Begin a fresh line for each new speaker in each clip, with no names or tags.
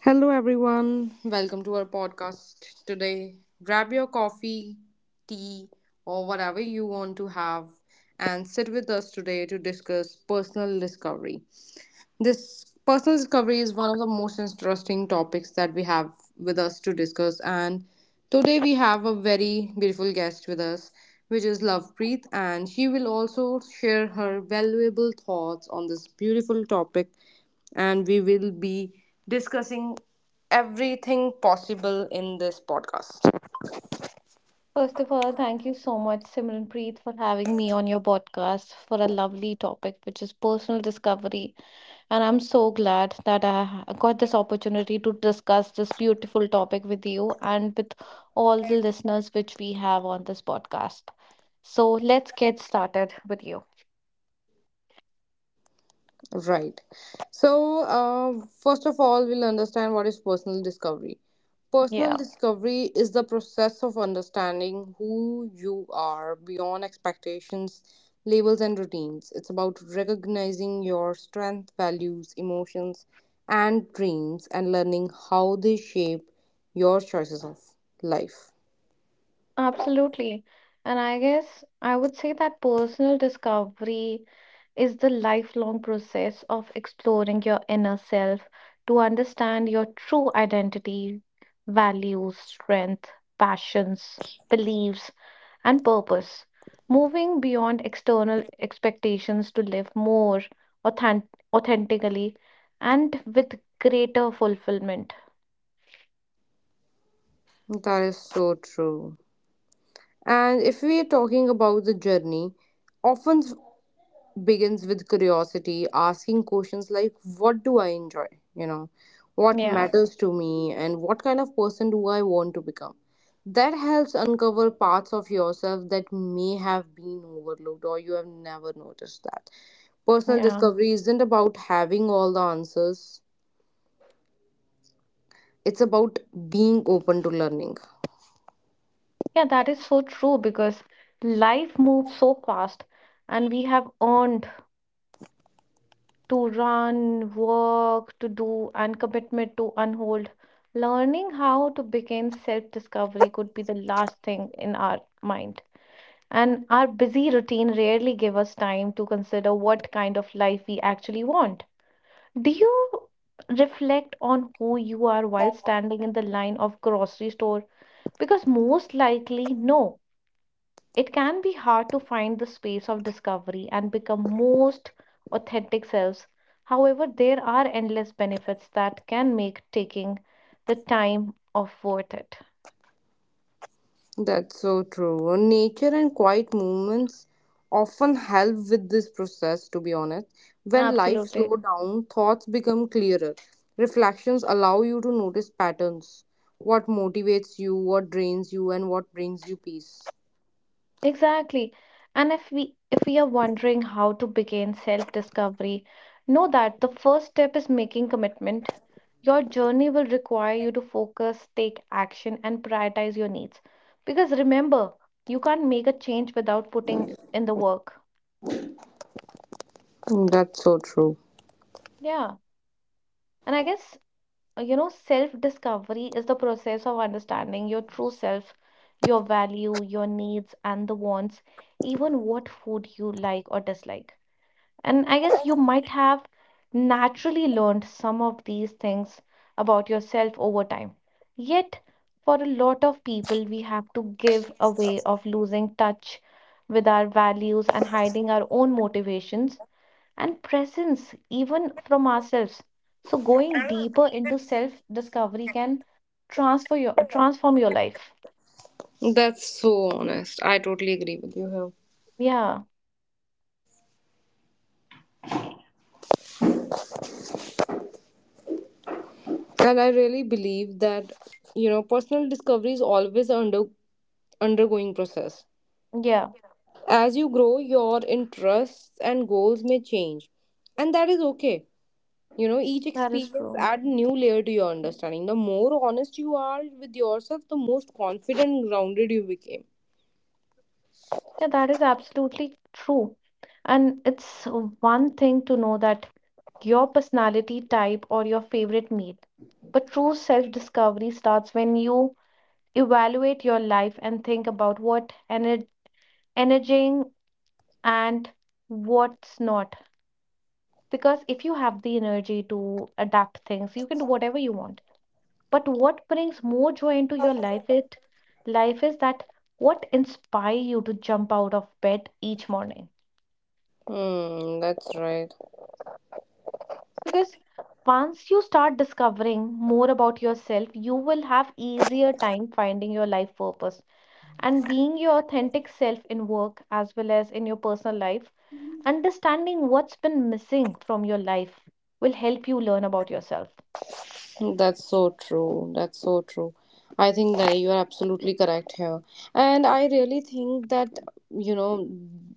Hello, everyone. Welcome to our podcast today. Grab your coffee, tea, or whatever you want to have and sit with us today to discuss personal discovery. This personal discovery is one of the most interesting topics that we have with us to discuss. And today we have a very beautiful guest with us, which is Lovepreet, and she will also share her valuable thoughts on this beautiful topic. And we will be discussing everything possible in this podcast.
First of all, thank you so much, Simranpreet, for having me on your podcast for a lovely topic, which is personal discovery. And I'm so glad that got this opportunity to discuss this beautiful topic with you and with all the listeners which we have on this podcast. So let's get started with you.
Right. So, first of all, we'll understand what is personal discovery.
Yeah.
Personal discovery is the process of understanding who you are beyond expectations, labels, and routines. It's about recognizing your strengths, values, emotions, and dreams, and learning how they shape your choices of life.
Absolutely. And I guess I would say that personal discovery is the lifelong process of exploring your inner self to understand your true identity, values, strength, passions, beliefs, and purpose. Moving beyond external expectations to live more authentically and with greater fulfillment.
That is so true. And if we are talking about the journey, often begins with curiosity, asking questions like, what do I enjoy? You know, what
Yeah,
matters to me, and what kind of person do I want to become? That helps uncover parts of yourself that may have been overlooked or you have never noticed that. Personal
yeah.
discovery isn't about having all the answers, it's about being open to learning.
Yeah, that is so true because life moves so fast and we have earned to run, work, to do, and commitment to unhold. Learning how to begin self-discovery could be the last thing in our mind. And our busy routine rarely give us time to consider what kind of life we actually want. Do you reflect on who you are while standing in the line of grocery store? Because most likely, no. It can be hard to find the space of discovery and become most authentic selves. However, there are endless benefits that can make taking the time off worth it.
That's so true. Nature and quiet movements often help with this process, to be honest. When life
Absolutely.
slows down, thoughts become clearer. Reflections allow you to notice patterns, what motivates you, what drains you, and what brings you peace.
Exactly. And if we are wondering how to begin self-discovery, know that the first step is making commitment. Your journey will require you to focus, take action, and prioritize your needs. Because remember, you can't make a change without putting in the work.
That's so true.
Yeah, and I guess, you know, self-discovery is the process of understanding your true self, your value, your needs, and the wants, even what food you like or dislike. And I guess you might have naturally learned some of these things about yourself over time. Yet, for a lot of people, we have to give away of losing touch with our values and hiding our own motivations and presence, even from ourselves. So, going deeper into self discovery can transfer your transform your life.
That's so honest. I totally agree with you here.
Yeah,
And I really believe that, you know, personal discovery is always undergoing process.
yeah,
As you grow, your interests and goals may change, and that is okay. You know, each
that is
experience
true.
add a new layer to your understanding. The more honest you are with yourself, the most confident and grounded you became.
Yeah, that is absolutely true. And it's one thing to know that your personality type or your favorite meal, but true self discovery starts when you evaluate your life and think about what energizing and what's not. Because if you have the energy to adapt things, you can do whatever you want. But what brings more joy into your life is that what inspire you to jump out of bed each morning.
That's right.
Because once you start discovering more about yourself, you will have easier time finding your life purpose and being your authentic self in work as well as in your personal life. Understanding what's been missing from your life will help you learn about yourself.
That's so true. That's so true. I think that you are absolutely correct here. And I really think that, you know,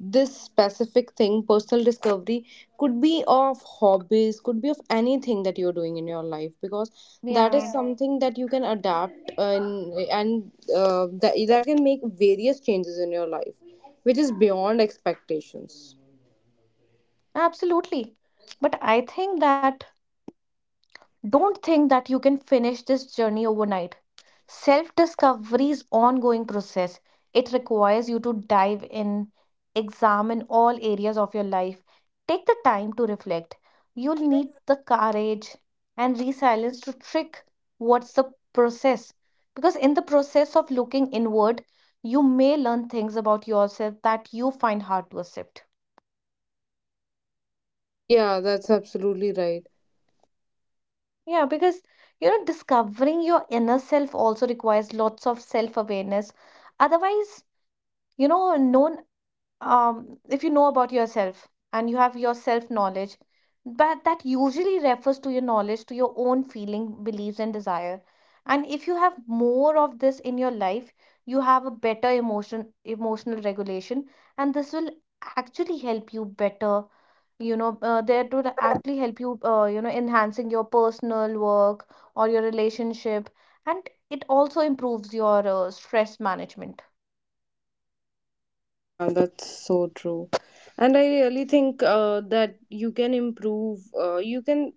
this specific thing, personal discovery, could be of hobbies, could be of anything that you're doing in your life because that
Yeah.
is something that you can adapt, and that, that can make various changes in your life, which is beyond expectations.
Absolutely. But I think that don't think that you can finish this journey overnight. Self discovery is ongoing process. It requires you to dive in, examine all areas of your life. Take the time to reflect. You'll need the courage and resilience to trick what's the process. Because in the process of looking inward, you may learn things about yourself that you find hard to accept.
Yeah, that's absolutely right.
Yeah, because you know, discovering your inner self also requires lots of self-awareness. Otherwise, you know, no if you know about yourself and you have your self knowledge, but that usually refers to your knowledge, to your own feeling, beliefs, and desire. And if you have more of this in your life, you have a emotional regulation, and this will actually help you better. You know, actually help you, you know, enhancing your personal work or your relationship, and it also improves your stress management.
Yeah, that's so true. And I really think that you can improve, you can,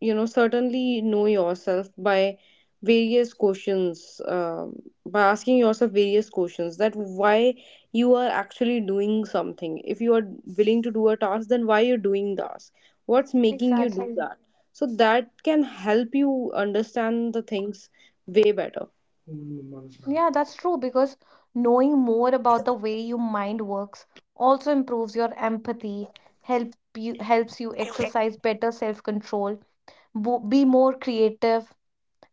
you know, certainly know yourself by various questions, by asking yourself various questions that why you are actually doing something. If you are willing to do a task, then why you're doing task? What's making you do
Exactly.
that? So that can help you understand the things way better.
Yeah, that's true because knowing more about the way your mind works also improves your empathy, help helps you exercise better self-control, be more creative,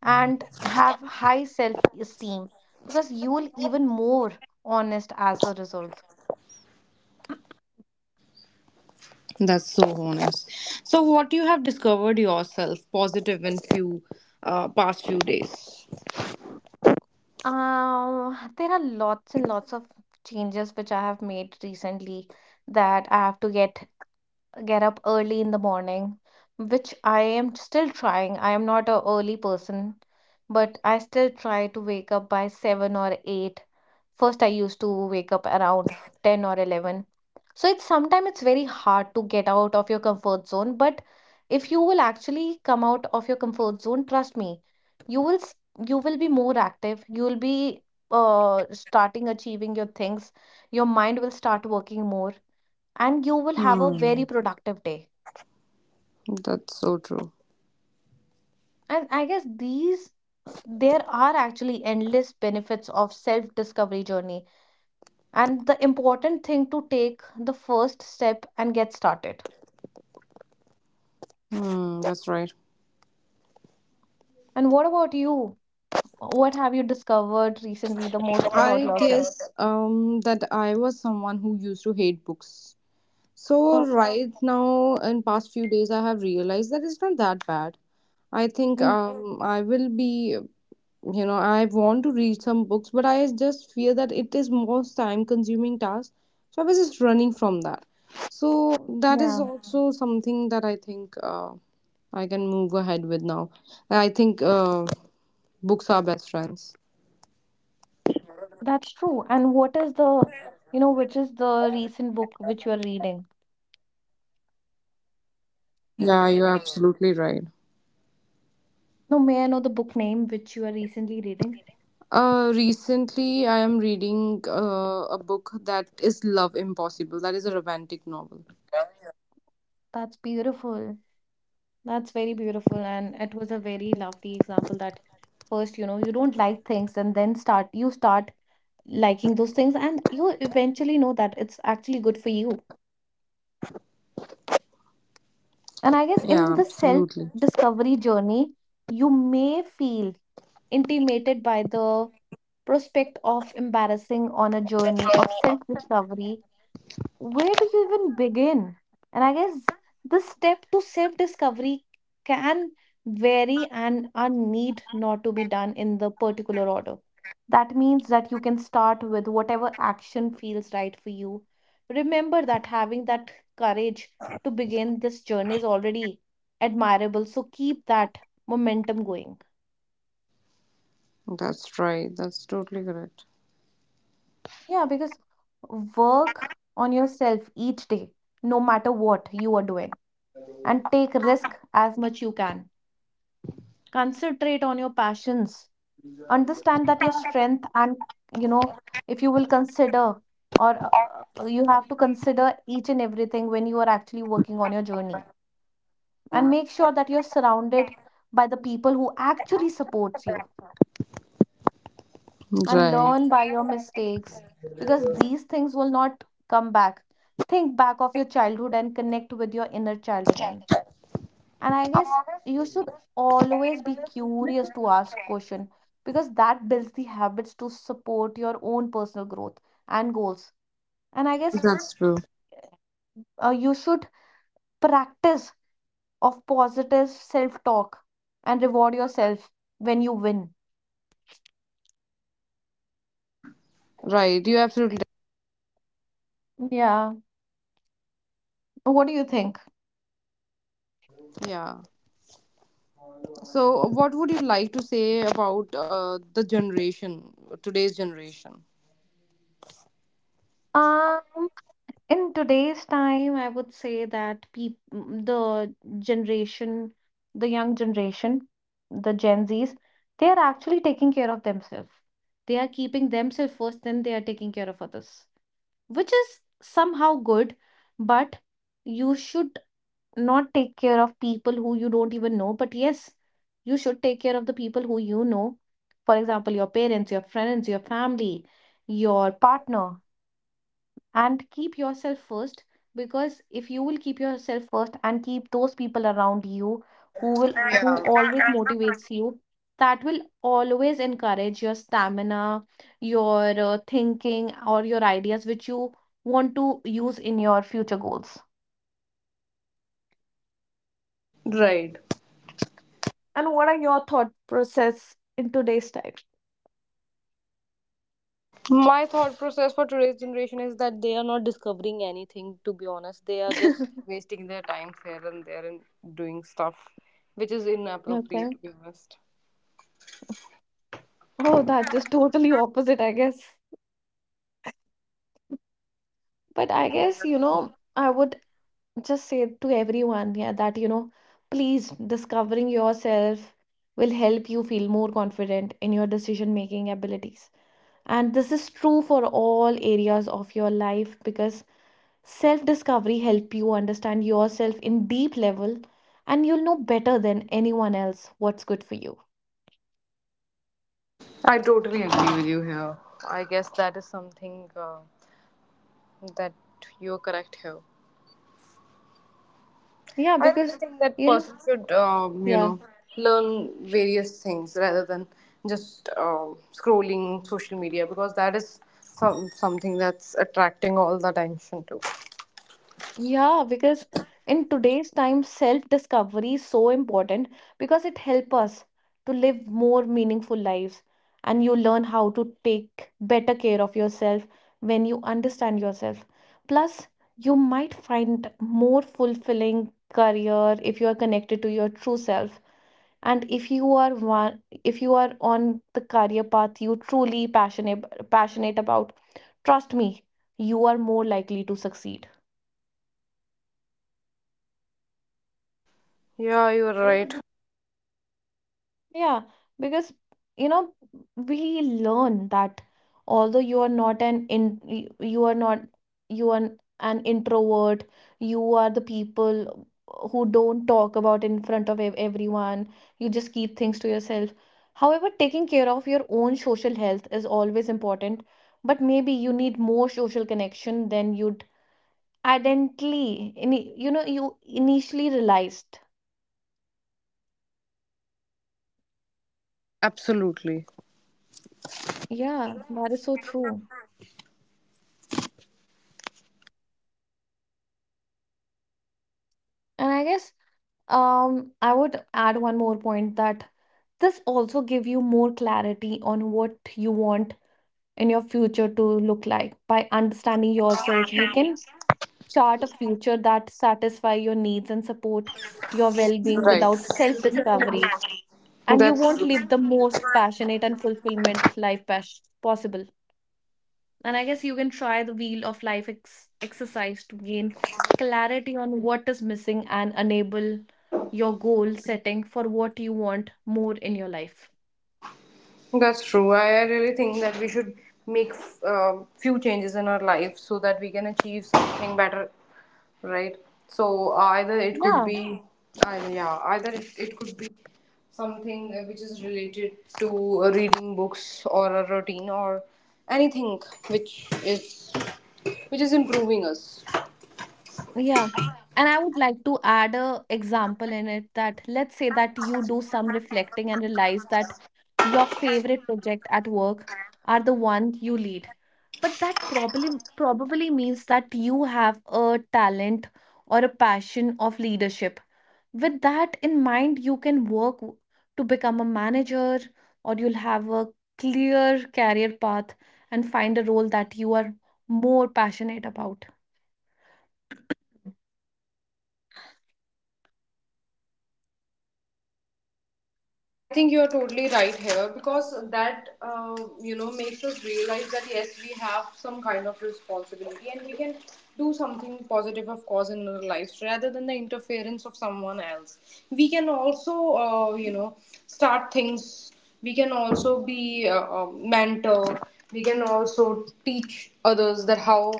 and have high self-esteem because you'll even more honest as a result.
That's so honest. So, what you have discovered yourself positive in few past few days?
There are lots and lots of changes which I have made recently that I have to get up early in the morning, which I am still trying. I am not a early person, but I still try to wake up by 7 or 8. First I used to wake up around 10 or 11. So it's sometimes it's very hard to get out of your comfort zone, but if you will actually come out of your comfort zone, trust me, you will s- you will be more active. You will be starting achieving your things. Your mind will start working more and you will have a
Hmm.
very productive day.
That's so true.
And I guess these there are actually endless benefits of self-discovery journey and the important thing to take the first step and get started.
Hmm, that's right.
And what about you? What have you discovered recently the most about
I
yourself?
guess that I was someone who used to hate books. So
Oh,
right now, in past few days, I have realized that it's not that bad. I think
mm,
I will be. You know, I want to read some books, but I just fear that it is most time consuming task, so I was just running from that. So that is
yeah,
also something that I think I can move ahead with now. I think books are best friends.
that's true. And what is you know, which is the recent book which you are reading?
Yeah, you're absolutely right.
No, may I know the book name which you are recently reading?
Recently I am reading a book that is love impossible, that is a romantic novel.
That's beautiful. That's very beautiful. And it was a very lovely example that first, you know, you don't like things and you start liking those things and you eventually know that it's actually good for you. And I guess
Yeah,
in the self
absolutely.
discovery journey, you may feel intimated by the prospect of embarrassing on a journey of self discovery, where do you even begin? And I guess the step to self discovery can vary and are need not to be done in the particular order. That means that you can start with whatever action feels right for you. Remember that having that courage to begin this journey is already admirable. So keep that momentum going.
That's right, that's totally correct.
Yeah, because work on yourself each day, no matter what you are doing, and take risk as much you can, concentrate on your passions, understand that your strength, and you know, if you will consider, or you have to consider each and everything when you are actually working on your journey, and make sure that you're surrounded by the people who actually supports you and
Right,
learn by your mistakes, because these things will not come back. Think back of your childhood and connect with your inner child again, and I guess you should always be curious to ask question, because that builds the habits to support your own personal growth and goals. And I guess
that's true.
you should practice of positive self talk and reward yourself when you win.
Right, you absolutely.
Yeah, what do you think?
Yeah. So, what would you like to say about the generation, today's generation?
Um In today's time, I would say that peop mm, the generation, the young generation, the Gen Zs, they are actually taking care of themselves. They are keeping themselves first, then they are taking care of others, which is somehow good, but you should not take care of people who you don't even know. But yes, you should take care of the people who you know. For example, your parents, your friends, your family, your partner, and keep yourself first, because if you will keep yourself first and keep those people around you who will who
Yeah.
always motivates you, that will always encourage your stamina, your thinking, or your ideas which you want to use in your future goals.
Right.
And what are your thought process in today's time?
My thought process for today's generation is that they are not discovering anything, to be honest. They are just wasting their time here and there and doing stuff which is inappropriate, to
Okay.
be honest.
Oh, that is totally opposite, I guess. But I guess, you know, I would just say to everyone, yeah, that you know, please discovering yourself will help you feel more confident in your decision making abilities, and this is true for all areas of your life, because self discovery help you understand yourself in deep level, and you'll know better than anyone else what's good for you.
I totally agree with you here. I guess that is something that you're correct here.
Yeah,
I really
because
think that
you know.
person should, you
Yeah.
know, learn various things rather than just scrolling social media because that is something that's attracting all the attention to.
Yeah, because in today's time, self-discovery is so important because it helps us to live more meaningful lives and you learn how to take better care of yourself when you understand yourself. Plus, you might find more fulfilling career if you are connected to your true self. And if you are on the career path you truly passionate about, trust me, you are more likely to succeed.
Yeah, you're right.
Yeah, because you know we learn that although you are not an in y- you are not you are an introvert, you are the people who don't talk about in front of everyone. You just keep things to yourself. However, taking care of your own social health is always important, but maybe you need more social connection than you'd you know, you initially realized.
Absolutely
Yeah, that is so true. And I guess I would add one more point that this also give you more clarity on what you want in your future to look like. By understanding yourself, you can chart a future that satisfy your needs and support your well-being
right.
without self-discovery, and you
That's
won't
true.
live the most passionate and fulfillment possible. And I guess you can try the Wheel of Life exercise to gain clarity on what is missing and enable your goal setting for what you want more in your life.
That's true. I really think that we should make few changes in our life so that we can achieve something better, right? So either it could
Yeah,
be, yeah, either it could be something which is related to reading books or a routine or anything which is which is improving us.
Yeah. And I would like to add a example in it that let's say that you do some reflecting and realize that your favorite project at work are the one you lead. But that probably means that you have a talent or a passion of leadership. With that in mind, you can to become a manager, or you'll have a clear career path and find a role that you are more passionate about.
I think you are totally right here because that you know makes us realize that yes, we have some kind of responsibility and we can do something positive, of course, in our lives rather than the interference of someone else. We can also you know start things. We can also be a mentor. We can also teach others that how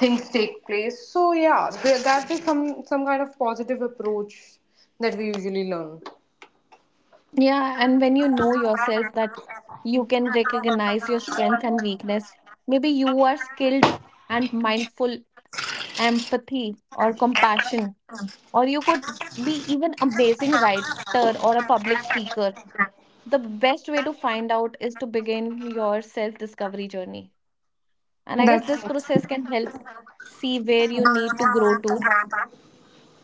things take place. So yeah, there, that is some kind of positive approach that we usually learn.
Yeah, and when you know yourself that you can recognize your strength and weakness, maybe you are skilled and mindful empathy or compassion, or you could be even amazing writer or a public speaker. The best way to find out is to begin your self-discovery journey. And I guess
That's
this process
it.
can help see where you need to grow to,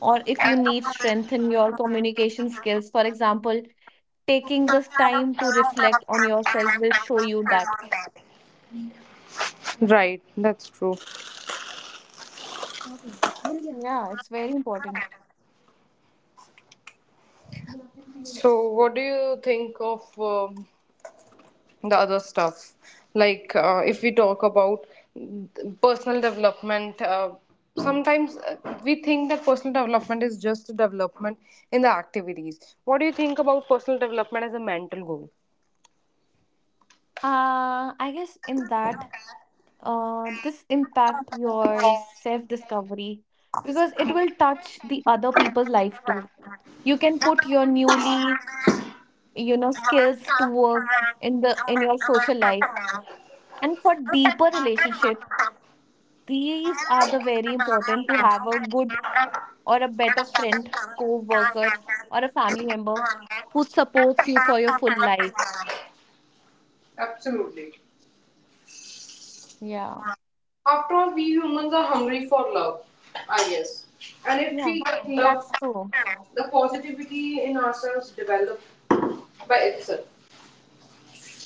or if you need strengthen your communication skills. For example, taking this time to reflect on yourself will show you that.
Right, that's true.
Yeah, it's very important.
So, what do you think of the other stuff? Like, if we talk about personal development, sometimes we think that personal development is just development in the activities. What do you think about personal development as a mental goal?
I guess in that this impact your self discovery, because it will touch the other people's life too. You can put your newly, skills to work in the in your social life and for deeper relationships. These are the very important to have a good or a better friend, co worker, or a family member who supports you for your full life.
Absolutely.
Yeah.
After all, we humans are hungry for love, I guess. And if
Yeah.
we get
That's
love,
true.
the positivity in ourselves develops by itself.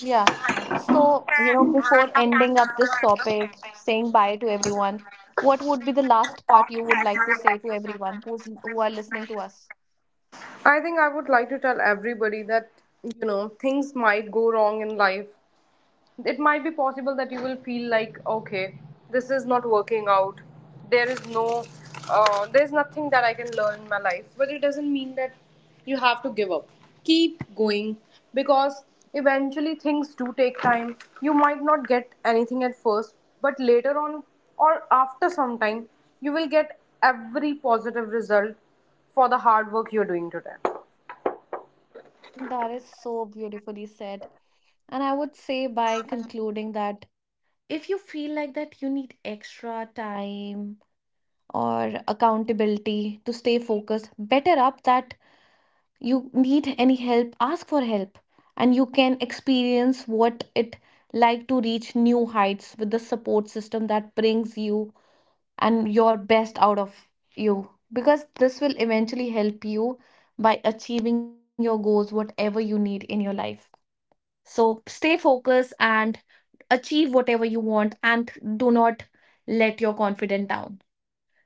Yeah. So, you know, before ending up this topic, saying bye to everyone, what would be the last part you would like to say to everyone who are listening to us?
I think I would like to tell everybody that, you know, things might go wrong in life. It might be possible that you will feel like, okay, this is not working out. There is there's nothing that I can learn in my life. But it doesn't mean that you have to give up. Keep going because eventually things do take time. You might not get anything at first, but later on or after some time, you will get every positive result for the hard work you're doing today.
That is so beautifully said. And I would say by concluding that if you feel like that you need extra time or accountability to stay focused better up, that you need any help, ask for help, and you can experience what it like to reach new heights with the support system that brings you and your best out of you, because this will eventually help you by achieving your goals whatever you need in your life. So stay focused and achieve whatever you want, and do not let your confidence down.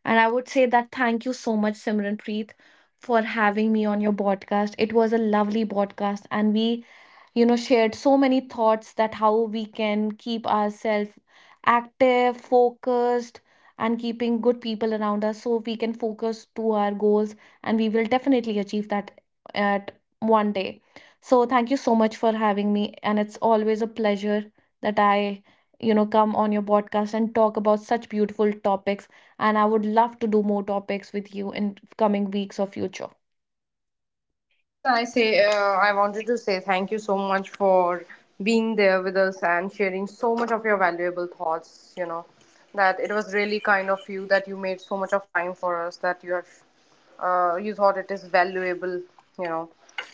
And I would say that thank you so much, Simran Preet, for having me on your podcast. It was a lovely podcast, and we, shared so many thoughts that how we can keep ourselves active, focused, and keeping good people around us so we can focus to our goals, and we will definitely achieve that at one day. So thank you so much for having me, and it's always a pleasure that I, come on your podcast and talk about such beautiful topics, and I would love to do more topics with you in coming weeks or future.
Even I say, I wanted to say thank you so much for being there with us and sharing so much of your valuable thoughts. You know, that it was really kind of you that you made so much of time for us. That you have, you thought it is valuable. You know,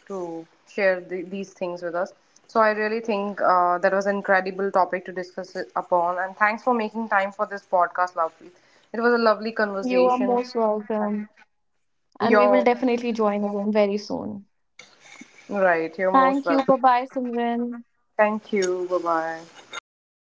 to share these things with us. So I really think that was an incredible topic to discuss it upon. And thanks for making time for this podcast, Lovepreet. It was a lovely
You are
conversation.
most welcome. And we will
You're
definitely join again very soon.
right. You're most
Thank you.
welcome.
Bye bye, Simran.
Thank you. Bye bye.